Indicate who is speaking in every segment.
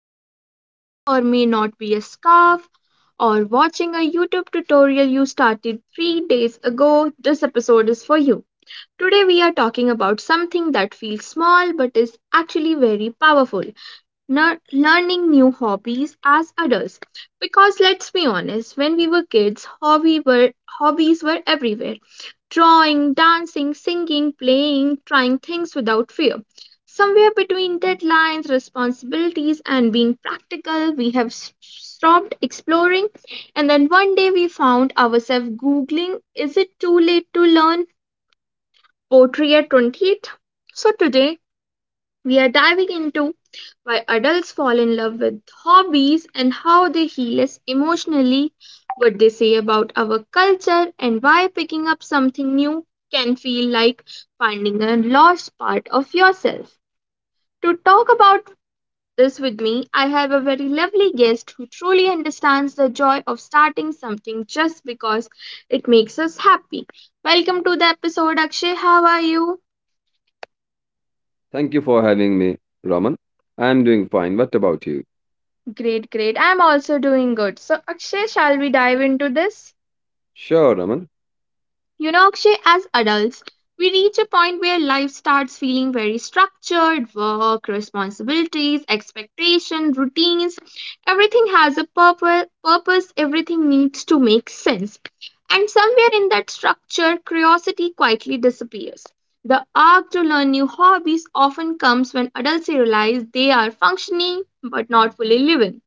Speaker 1: something that may or may not be a scarf, or watching a YouTube tutorial you started 3 days ago, this episode is for you. Today, we are talking about something that feels small but is actually very powerful: learning new hobbies as adults. Because let's be honest, when we were kids, hobby were hobbies were everywhere: drawing, dancing, singing, playing, trying things without fear. Somewhere between deadlines, responsibilities, and being practical, we have stopped exploring. And then one day, we found ourselves googling, is it too late to learn pottery at 28? So today we are diving into why adults fall in love with hobbies and how they heal us emotionally, what they say about our culture, and why picking up something new can feel like finding a lost part of yourself. To talk about this with me, I have a very lovely guest who truly understands the joy of starting something just because it makes us happy. Welcome to the episode, Akshay. How are you?
Speaker 2: Thank you for having me, Raman. I am doing fine. What about you?
Speaker 1: Great, great. I'm also doing good. So, Akshay, shall we dive into this?
Speaker 2: Sure, Raman.
Speaker 1: You know, Akshay, as adults, we reach a point where life starts feeling very structured: work, responsibilities, expectations, routines. Everything has a purpose, everything needs to make sense. And somewhere in that structure, curiosity quietly disappears. The urge to learn new hobbies often comes when adults realize they are functioning but not fully living.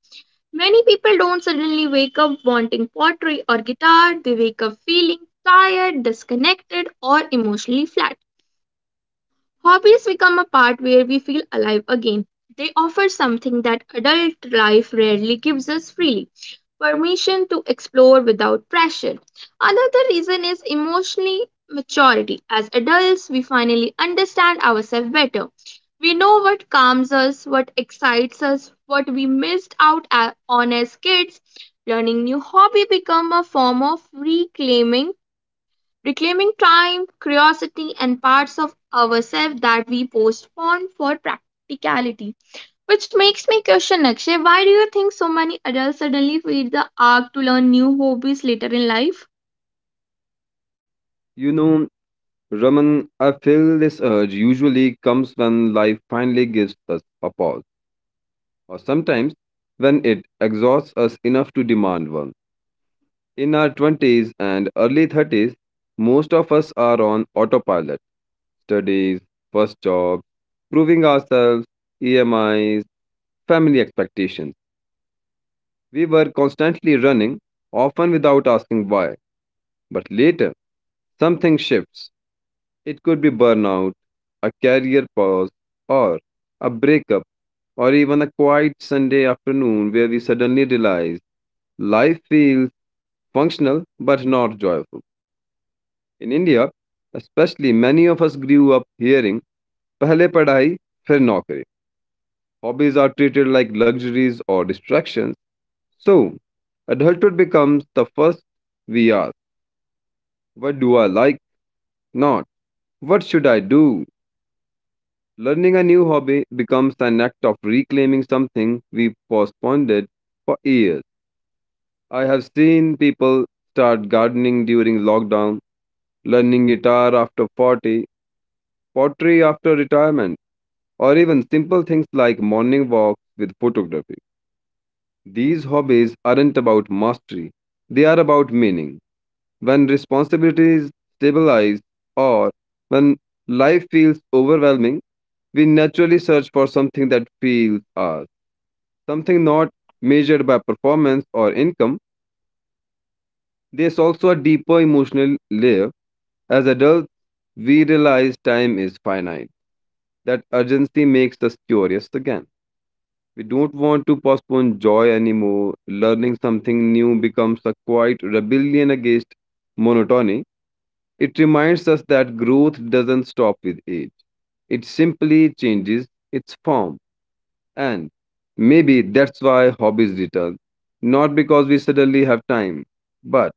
Speaker 1: Many people don't suddenly wake up wanting pottery or guitar, they wake up feeling tired, disconnected, or emotionally flat. Hobbies become a part where we feel alive again. They offer something that adult life rarely gives us freely: permission to explore without pressure. Another reason is emotionally maturity. As adults, we finally understand ourselves better. We know what calms us, what excites us, what we missed out on as kids. Learning new hobby become a form of reclaiming time, curiosity, and parts of ourselves that we postpone for practicality. Which makes me question, Akshay, why do you think so many adults suddenly feel the urge to learn new hobbies later in life?
Speaker 2: You know, Raman, I feel this urge usually comes when life finally gives us a pause, or sometimes when it exhausts us enough to demand one. In our 20s and early 30s, most of us are on autopilot studies, first jobs, proving ourselves, EMIs, family expectations. We were constantly running, often without asking why. But later, something shifts. It could be burnout, a career pause, or a breakup, or even a quiet Sunday afternoon where we suddenly realize life feels functional but not joyful. In India, especially, many of us grew up hearing Pehle Padhai, Fir Naukri. Hobbies are treated like luxuries or distractions. So, adulthood becomes the first we ask, what do I like? Not what should I do? Learning a new hobby becomes an act of reclaiming something we postponed it for years. I have seen people start gardening during lockdown, learning guitar after 40, pottery after retirement, or even simple things like morning walks with photography. These hobbies aren't about mastery, they are about meaning. When responsibilities stabilize, or when life feels overwhelming, we naturally search for something that feels ours. Something not measured by performance or income. There's also a deeper emotional layer. As adults, we realize time is finite. That urgency makes us curious again. We don't want to postpone joy anymore. Learning something new becomes a quiet rebellion against monotony. It reminds us that growth doesn't stop with age, it simply changes its form. And maybe that's why hobbies return. Not because we suddenly have time, but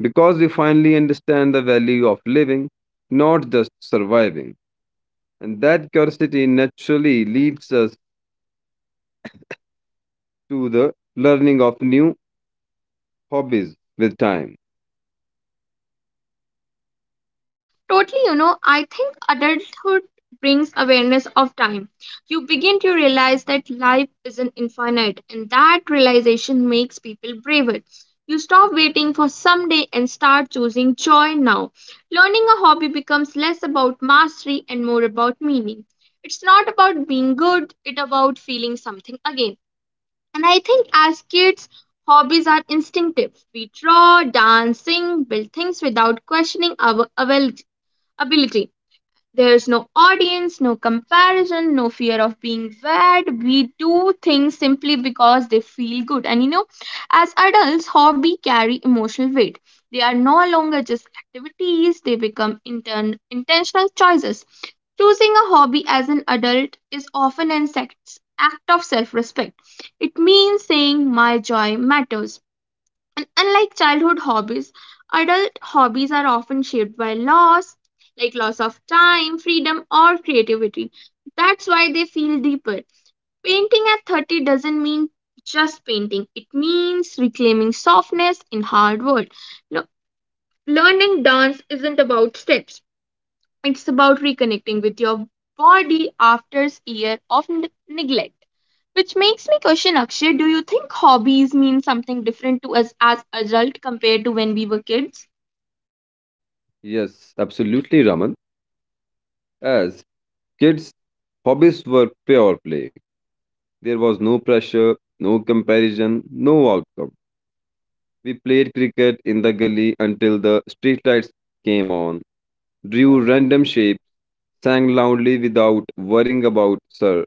Speaker 2: because we finally understand the value of living, not just surviving. And that curiosity naturally leads us to the learning of new hobbies with time.
Speaker 1: Totally, you know, I think adulthood brings awareness of time. You begin to realize that life isn't infinite, and that realization makes people braver. You stop waiting for someday and start choosing joy now. Learning a hobby becomes less about mastery and more about meaning. It's not about being good, it's about feeling something again. And I think as kids, hobbies are instinctive. We draw, dance, sing, build things without questioning our availability ability. There's no audience, no comparison, no fear of being bad. We do things simply because they feel good. And you know, as adults, hobby carry emotional weight. They are no longer just activities, they become intentional choices. Choosing a hobby as an adult is often an act of self respect. It means saying, my joy matters, and unlike childhood hobbies, adult hobbies are often shaped by loss, like loss of time, freedom, or creativity. That's why they feel deeper. Painting at 30 doesn't mean just painting, it means reclaiming softness in hard work. No, learning dance isn't about steps, it's about reconnecting with your body after a year of neglect. Which makes me question, Akshay, do you think hobbies mean something different to us as adults compared to when we were kids?
Speaker 2: Yes, absolutely, Raman. As kids, hobbies were pure play. There was no pressure, no comparison, no outcome. We played cricket in the gully until the streetlights came on, drew random shapes, sang loudly without worrying about sir.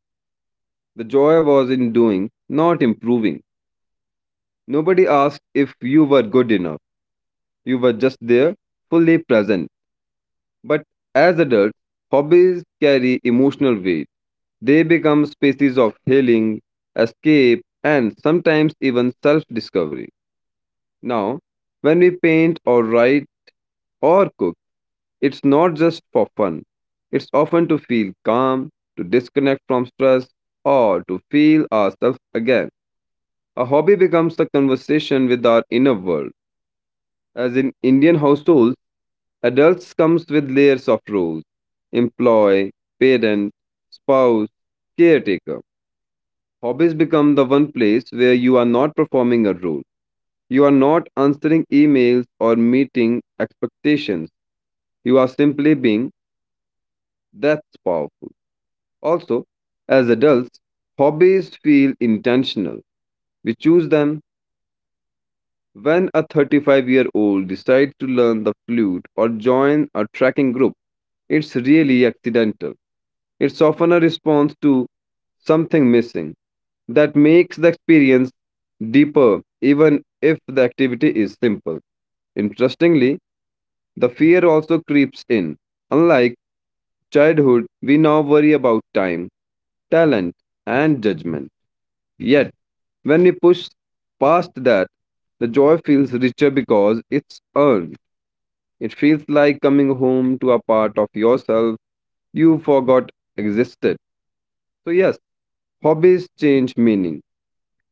Speaker 2: The joy was in doing, not improving. Nobody asked if you were good enough. You were just there, fully present. But as adults, hobbies carry emotional weight. They become spaces of healing, escape, and sometimes even self discovery. Now, when we paint or write or cook, it's not just for fun. It's often to feel calm, to disconnect from stress, or to feel ourselves again. A hobby becomes a conversation with our inner world. As in Indian households, adults comes with layers of roles: employee, parent, spouse, caretaker. Hobbies become the one place where you are not performing a role. You are not answering emails or meeting expectations. You are simply being. That's powerful. Also, as adults, hobbies feel intentional. We choose them when a 35-year-old decides to learn the flute or join a trekking group. It's really accidental. It's often a response to something missing that makes the experience deeper, even if the activity is simple. Interestingly, the fear also creeps in. Unlike childhood, we now worry about time, talent, and judgment. Yet, when we push past that, the joy feels richer because it's earned. It feels like coming home to a part of yourself you forgot existed. So, yes, hobbies change meaning.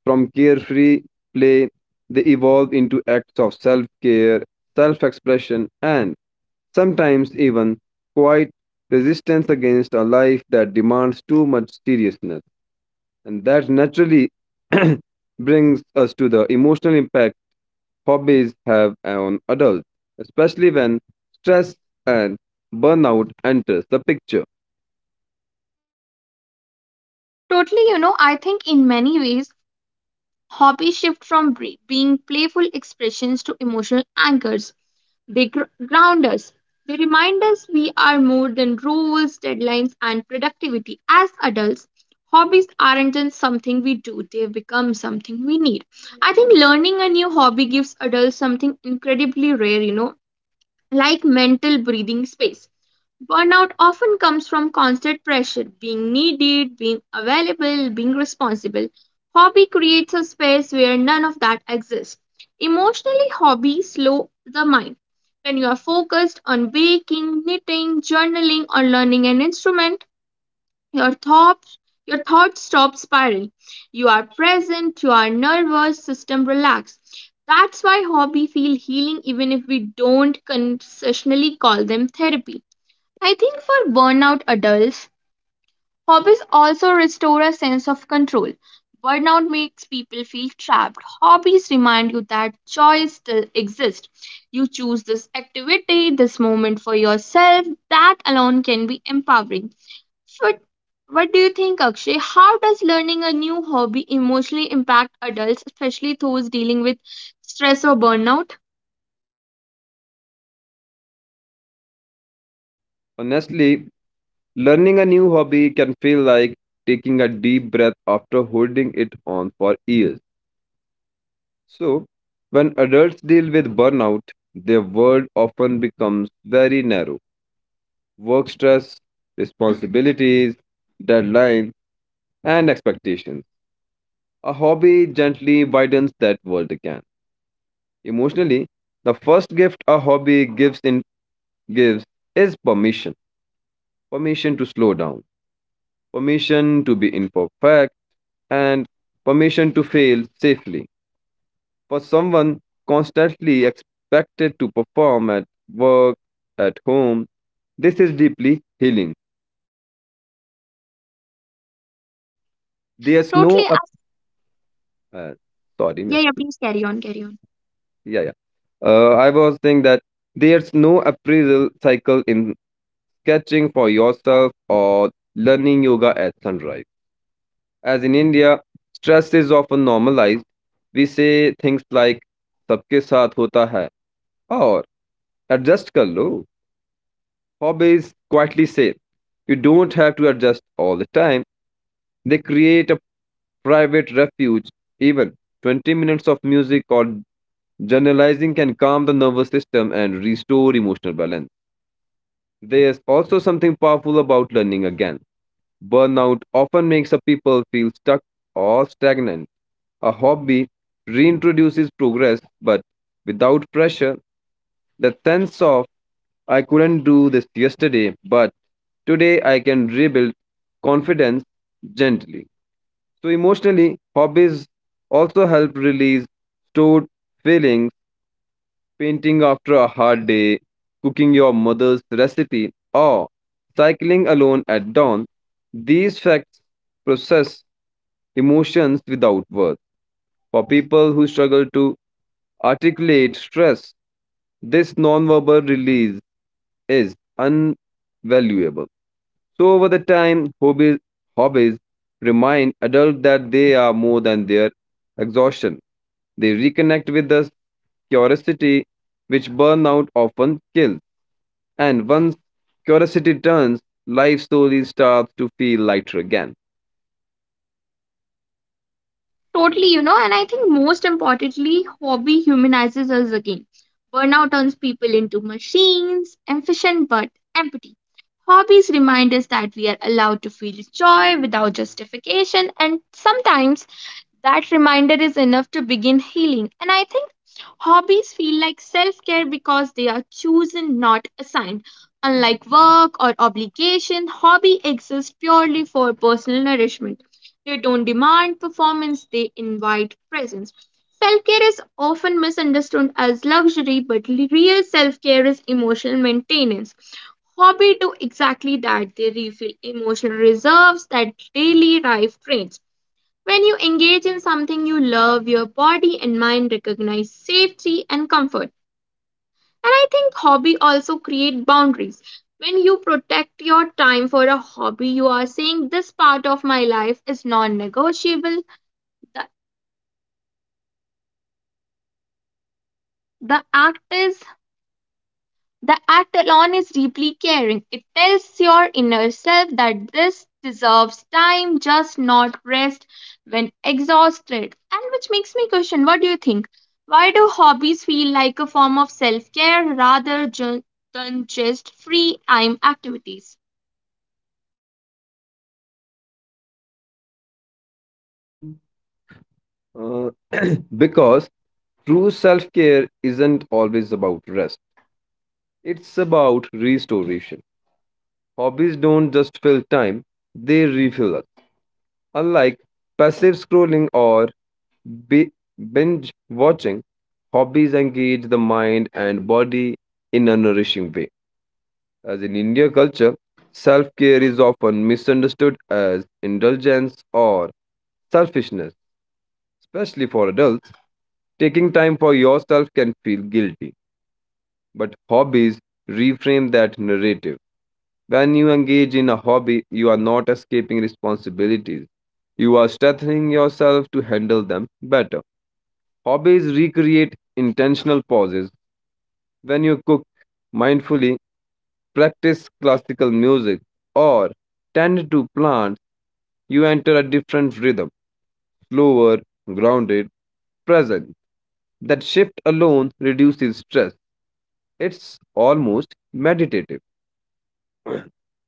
Speaker 2: From carefree play, they evolve into acts of self care, self expression, and sometimes even quiet resistance against a life that demands too much seriousness. And that naturally brings us to the emotional impact hobbies have on adults, especially when stress and burnout enters the picture.
Speaker 1: Totally, you know, I think in many ways, hobbies shift from being playful expressions to emotional anchors. They ground us. They remind us we are more than rules, deadlines, and productivity. As adults, hobbies aren't just something we do, they become something we need. I think learning a new hobby gives adults something incredibly rare, you know, like mental breathing space. Burnout often comes from constant pressure, being needed, being available, being responsible. Hobby creates a space where none of that exists. Emotionally, hobbies slow the mind. When you are focused on baking, knitting, journaling, or learning an instrument, your thoughts your thoughts stop spiraling. You are present, your nervous system relax. That's why hobby feel healing even if we don't consistently call them therapy. I think for burnout adults, hobbies also restore a sense of control. Burnout makes people feel trapped. Hobbies remind you that joy still exists. You choose this activity, this moment for yourself. That alone can be empowering. What, what do you think, Akshay? How does learning a new hobby emotionally impact adults, especially those dealing with stress or burnout?
Speaker 2: Honestly, learning a new hobby can feel like taking a deep breath after holding it on for years. So, when adults deal with burnout, their world often becomes very narrow. Work stress, responsibilities, deadlines, and expectations. A hobby gently widens that world again. Emotionally, the first gift a hobby gives is permission. Permission to slow down, permission to be imperfect, and permission to fail safely. For someone constantly expected to perform at work, at home, this is deeply healing. There's no
Speaker 1: Totally.
Speaker 2: ap- uh, sorry, Mia.
Speaker 1: Yeah, yeah, please carry on, carry on.
Speaker 2: Yeah, yeah. I was saying that there's no appraisal cycle in sketching for yourself or learning yoga at sunrise. As in India, stress is often normalized. We say things like सबके साथ होता है और adjust कर लो. Hobbies quietly say you don't have to adjust all the time. They create a private refuge. Even 20 minutes of music or journalizing can calm the nervous system and restore emotional balance. There's also something powerful about learning again. Burnout often makes a people feel stuck or stagnant. A hobby reintroduces progress, but without pressure, the sense of I couldn't do this yesterday, but today I can rebuild confidence gently. So, emotionally, hobbies also help release stored feelings, painting after a hard day, cooking your mother's recipe, or cycling alone at dawn. These facts process emotions without words. For people who struggle to articulate stress. This nonverbal release is invaluable. So over the time, hobbies remind adults that they are more than their exhaustion. They reconnect with the curiosity which burnout often kills. And once curiosity turns, life slowly starts to feel lighter again.
Speaker 1: Totally, you know, and I think most importantly, hobby humanizes us again. Burnout turns people into machines, efficient but empty. Hobbies remind us that we are allowed to feel joy without justification, and sometimes that reminder is enough to begin healing. And I think hobbies feel like self care because they are chosen, not assigned. Unlike work or obligation, hobby exists purely for personal nourishment. They don't demand performance, they invite presence. Self care is often misunderstood as luxury, but real self care is emotional maintenance. Hobby do exactly that. They refill emotional reserves that daily life drains. When you engage in something you love, your body and mind recognize safety and comfort. And I think hobby also create boundaries. When you protect your time for a hobby, you are saying this part of my life is non-negotiable. The, the act is The act alone is deeply caring. It tells your inner self that this deserves time, just not rest when exhausted. And which makes me question, what do you think? Why do hobbies feel like a form of self care rather than just free time activities?
Speaker 2: Mhm. Uh, because true self care isn't always about rest, it's about restoration. Hobbies don't just fill time, they refuel us. Unlike passive scrolling or bi- binge watching, hobbies engage the mind and body in a nourishing way. As in India culture, self care is often misunderstood as indulgence or selfishness, especially for adults. Taking time for yourself can feel guilty, but hobbies reframe that narrative. When you engage in a hobby, you are not escaping responsibilities. You are strengthening yourself to handle them better. Hobbies recreate intentional pauses. When you cook mindfully, practice classical music, or tend to plants, you enter a different rhythm, slower, grounded, present. That shift alone reduces stress. It's almost meditative.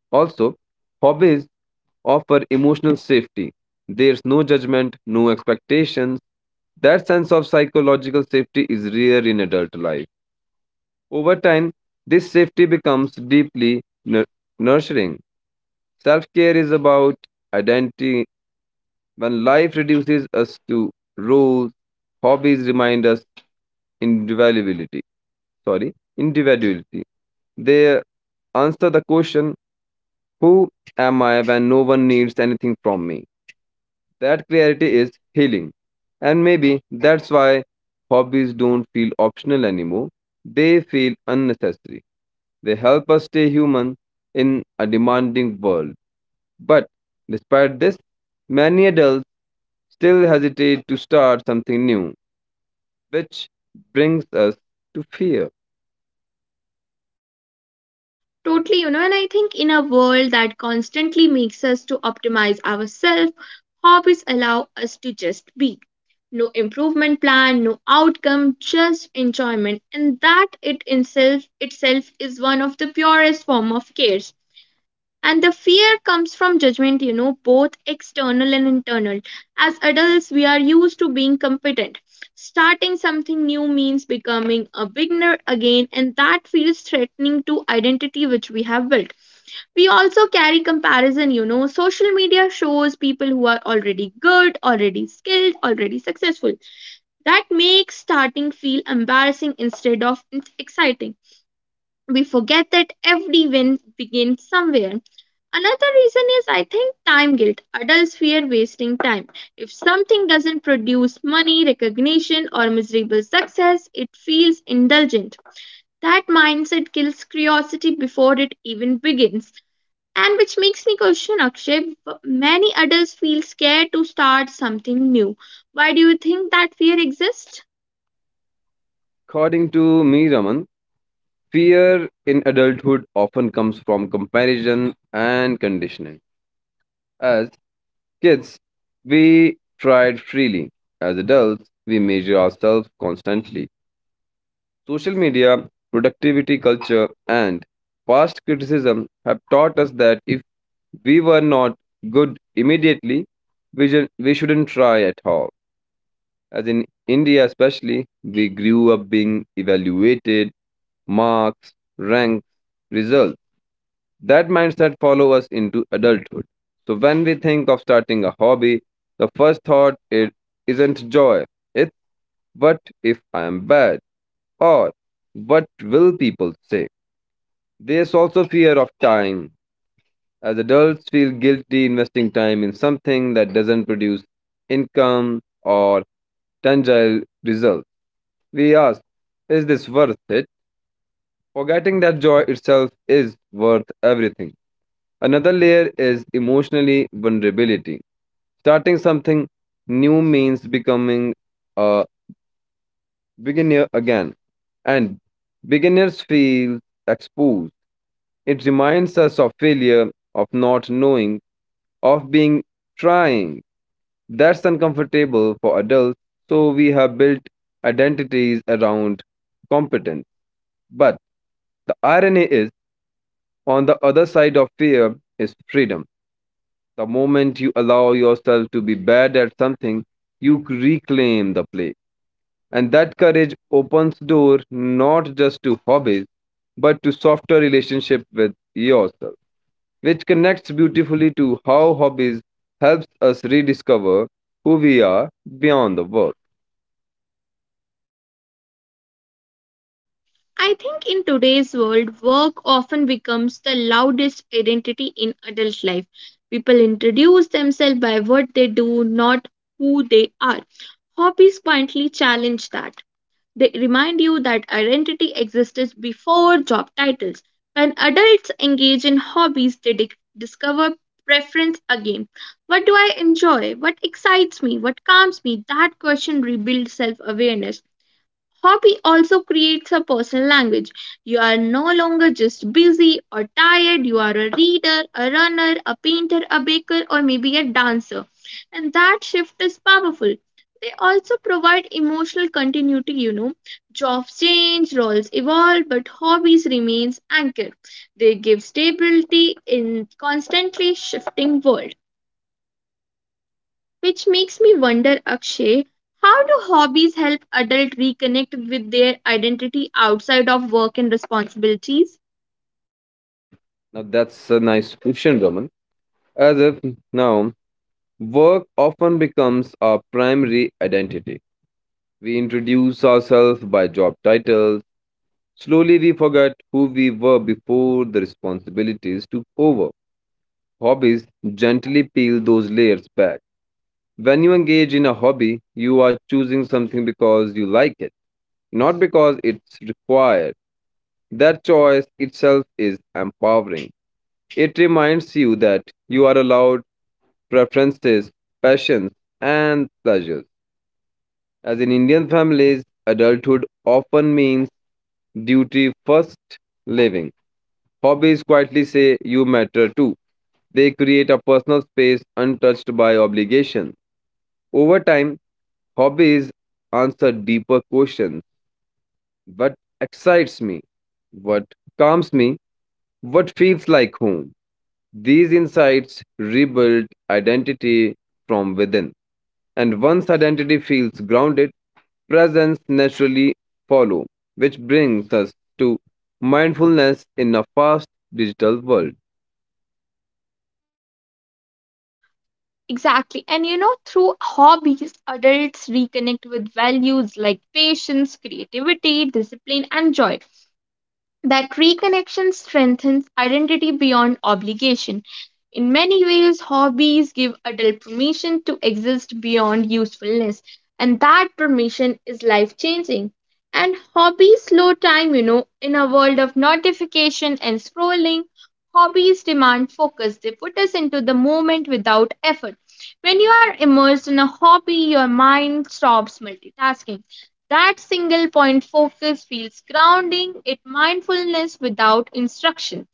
Speaker 2: Also, hobbies offer emotional safety. There's no judgment, no expectations. That sense of psychological safety is rare in adult life. Over time, this safety becomes deeply nurturing. Self care is about identity. When life reduces us to roles, hobbies remind us individuality. Sorry, individuality. They answer the question, who am I when no one needs anything from me? That clarity is healing. And maybe that's why hobbies don't feel optional anymore. They feel unnecessary. They help us stay human in a demanding world. But despite this, many adults still hesitate to start something new, which brings us to fear.
Speaker 1: Totally, you know, and I think in a world that constantly makes us to optimize ourselves, hobbies allow us to just be. No improvement plan, no outcome, just enjoyment. And that it itself is one of the purest form of care. And the fear comes from judgment, you know, both external and internal. As adults, we are used to being competent. Starting something new means becoming a beginner again, and that feels threatening to identity which we have built. We also carry comparison, you know. Social media shows people who are already good, already skilled, already successful. That makes starting feel embarrassing instead of exciting. We forget that every win begins somewhere. Another reason is I think time guilt. Adults fear wasting time. If something doesn't produce money, recognition, or miserable success, it feels indulgent. That mindset kills curiosity before it even begins. And which makes me question, Akshay, many adults feel scared to start something new. Why do you think that fear exists?
Speaker 2: According to me, Raman, fear in adulthood often comes from comparison and conditioning. As kids, we tried freely. As adults, we measure ourselves constantly. Social media, productivity culture, and past criticism have taught us that if we were not good immediately, we shouldn't try at all. As in India, especially, we grew up being evaluated, marks, ranks, results. That mindset follows us into adulthood. So when we think of starting a hobby, the first thought it isn't joy. It's what if I am bad, or what will people say? There's also fear of time. As adults feel guilty investing time in something that doesn't produce income or tangible results. We ask, is this worth it? Forgetting that joy itself is worth everything. Another layer is emotionally vulnerability. Starting something new means becoming a beginner again, and beginners feel exposed. It reminds us of failure, of not knowing, of being trying. That's uncomfortable for adults, so we have built identities around competence. But the irony is, on the other side of fear is freedom. The moment you allow yourself to be bad at something, you reclaim the play. And that courage opens door not just to hobbies, but to softer relationship with yourself, which connects beautifully to how hobbies helps us rediscover who we are beyond the work.
Speaker 1: I think in today's world, work often becomes the loudest identity in adult life. People introduce themselves by what they do, not who they are. Hobbies quietly challenge that. They remind you that identity existed before job titles. When adults engage in hobbies, they discover preference again. What do I enjoy? What excites me? What calms me? That question rebuilds self awareness. Hobby also creates a personal language. You are no longer just busy or tired, you are a reader, a runner, a painter, a baker, or maybe a dancer. And that shift is powerful. They also provide emotional continuity, you know. Jobs change, roles evolve, but hobbies remains anchored. They give stability in constantly shifting world, which makes me wonder, Akshay, how do hobbies help adults reconnect with their identity outside of work and responsibilities?
Speaker 2: Now that's a nice question, Raman. As if now work often becomes our primary identity. We introduce ourselves by job titles. Slowly we forget who we were before the responsibilities took over. Hobbies gently peel those layers back. When you engage in a hobby, you are choosing something because you like it, not because it's required. That choice itself is empowering. It reminds you that you are allowed preferences, passions, and pleasures. As in Indian families, adulthood often means duty first living. Hobbies quietly say you matter too. They create a personal space untouched by obligation. Over time, hobbies answer deeper questions. What excites me? What calms me? What feels like home? These insights rebuild identity from within. And once identity feels grounded, presence naturally follows, which brings us to mindfulness in a fast digital world.
Speaker 1: Exactly. And you know, through hobbies, adults reconnect with values like patience, creativity, discipline, and joy. That reconnection strengthens identity beyond obligation. In many ways, hobbies give adult permission to exist beyond usefulness, and that permission is life changing. And hobbies slow time, you know, in a world of notification and scrolling, hobbies demand focus. They put us into the moment without effort. When you are immersed in a hobby, your mind stops multitasking. That single point focus feels grounding, it mindfulness without instruction.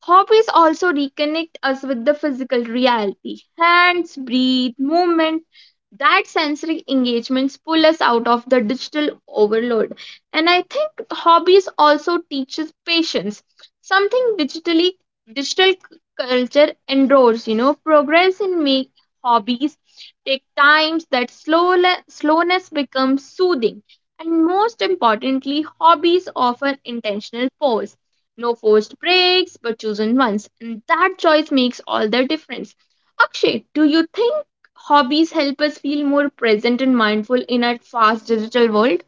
Speaker 1: Hobbies also reconnect us with the physical reality. Hands, breathe, movement, that sensory engagements pull us out of the digital overload. And I think hobbies also teaches patience, something digital culture endures. You know, progress in make hobbies take times that slow, slowness becomes soothing. And most importantly, hobbies offer intentional pause, no forced breaks, but chosen ones. And that choice makes all the difference. Akshay, do you think hobbies help us feel more present and mindful in our fast digital world?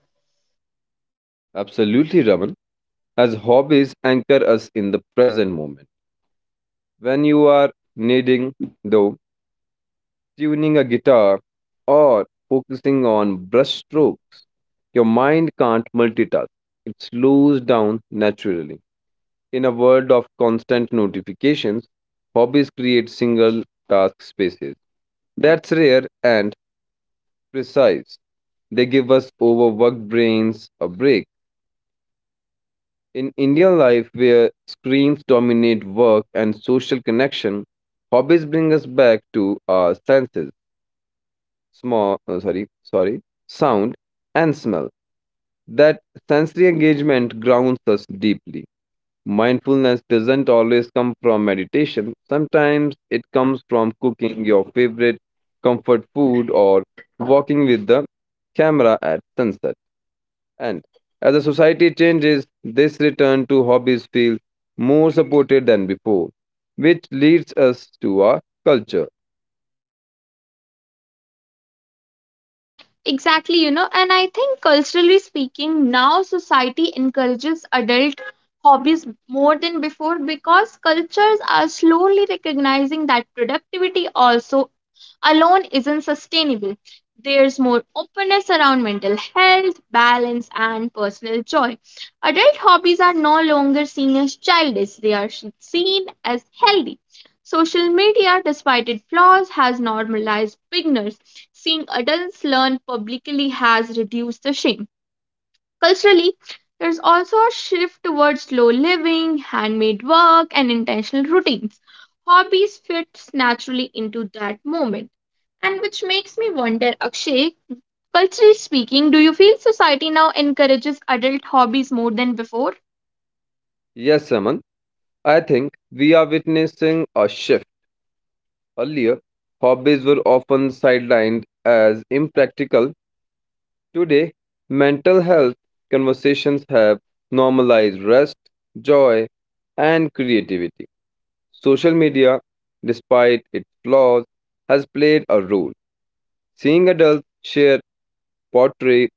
Speaker 2: Absolutely, Raman. As hobbies anchor us in the present moment. When you are needing, though, tuning a guitar, or focusing on brush strokes. Your mind can't multitask, it slows down naturally. In a world of constant notifications, hobbies create single task spaces. That's rare and precise. They give us overworked brains a break. In Indian life, where screens dominate work and social connection, hobbies bring us back to our senses. Small sorry sorry sound and smell, that sensory engagement grounds us deeply. Mindfulness doesn't always come from meditation, sometimes it comes from cooking your favorite comfort food or walking with the camera at sunset. And as the society changes, this return to hobbies feels more supported than before, which leads us to our culture.
Speaker 1: Exactly, you know, and I think culturally speaking, now society encourages adult hobbies more than before because cultures are slowly recognizing that productivity also alone isn't sustainable. There's more openness around mental health, balance, and personal joy. Adult hobbies are no longer seen as childish, they are seen as healthy. Social media, despite its flaws, has normalized beginners. Seeing adults learn publicly has reduced the shame. Culturally, there's also a shift towards slow living, handmade work, and intentional routines. Hobbies fits naturally into that moment. And which makes me wonder, Akshay, culturally speaking, do you feel society now encourages adult hobbies more than before?
Speaker 2: Yes, Saman, I think we are witnessing a shift. Earlier, hobbies were often sidelined as impractical. Today, mental health conversations have normalized rest, joy, and creativity. Social media, despite its flaws, has played a role. Seeing adults share pottery,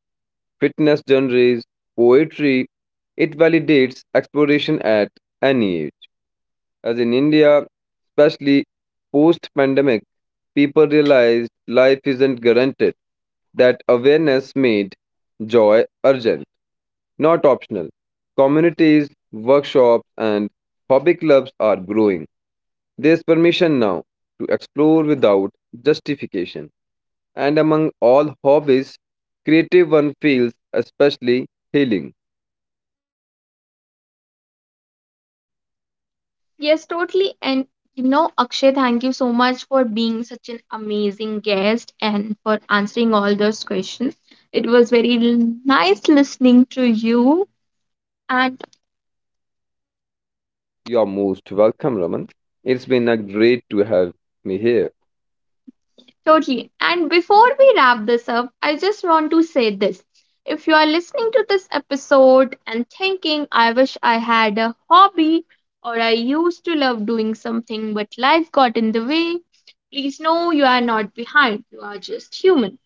Speaker 2: fitness journeys, poetry, it validates exploration at any age. As in India, especially post pandemic, people realized life isn't guaranteed. That awareness made joy urgent, not optional. Communities, workshops, and hobby clubs are growing. There's permission now to explore without justification. And among all hobbies, creative one feels especially healing.
Speaker 1: Yes, totally. And you know, Akshay, thank you so much for being such an amazing guest and for answering all those questions. It was very nice listening to you and
Speaker 2: You're most welcome, Raman. It's been a great to have me here.
Speaker 1: totally. And before we wrap this up, I just want to say this. If you are listening to this episode and thinking, I wish I had a hobby, or I used to love doing something, but life got in the way, please know you are not behind. You are just human.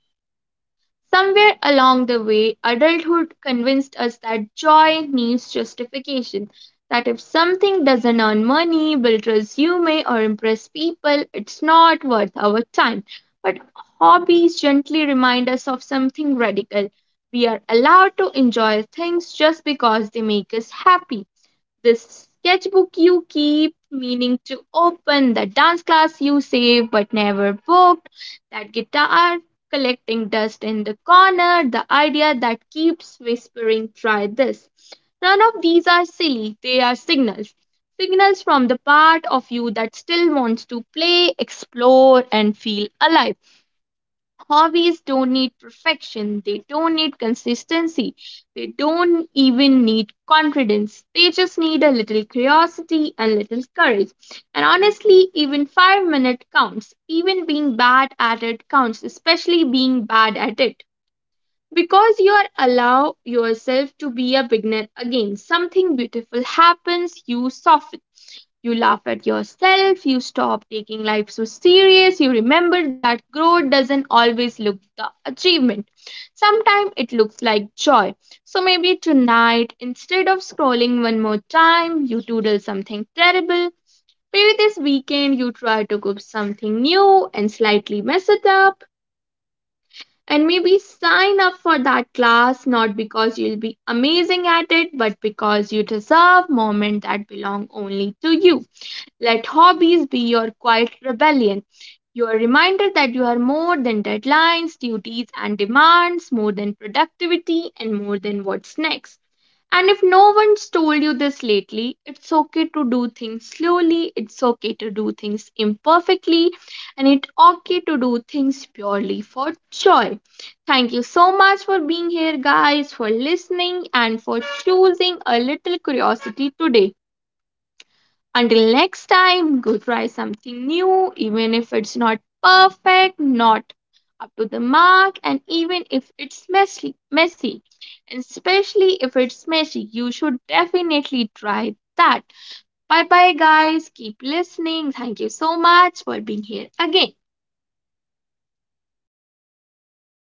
Speaker 1: Somewhere along the way, adulthood convinced us that joy needs justification, that if something doesn't earn money, build resume, or impress people, it's not worth our time. But hobbies gently remind us of something radical. We are allowed to enjoy things just because they make us happy. This sketchbook you keep, meaning to open, that dance class you save but never booked, that guitar collecting dust in the corner, the idea that keeps whispering, try this. None of these are silly, they are signals. Signals from the part of you that still wants to play, explore, and feel alive. Hobbies don't need perfection, they don't need consistency, they don't even need confidence. They just need a little curiosity and little courage. And honestly, even 5-minute counts. Even being bad at it counts, especially being bad at it. Because you are allow yourself to be a beginner again, something beautiful happens, you soften. You laugh at yourself, you stop taking life so serious, you remember that growth doesn't always look the achievement. Sometimes it looks like joy. So maybe tonight, instead of scrolling one more time, you doodle something terrible. Maybe this weekend you try to cook something new and slightly mess it up. And maybe sign up for that class not because you'll be amazing at it, but because you deserve moment that belong only to you. Let hobbies be your quiet rebellion, your reminder that you are more than deadlines, duties, and demands, more than productivity, and more than what's next. And if no one's told you this lately, it's okay to do things slowly, it's okay to do things imperfectly, and it's okay to do things purely for joy. Thank you so much for being here, guys, for listening, and for choosing a little curiosity today. Until next time, go try something new, even if it's not perfect, not up to the mark, and even if it's messy. Messy. And especially if it's messy, you should definitely try that. Bye bye, guys. Keep listening. Thank you so much for being here again.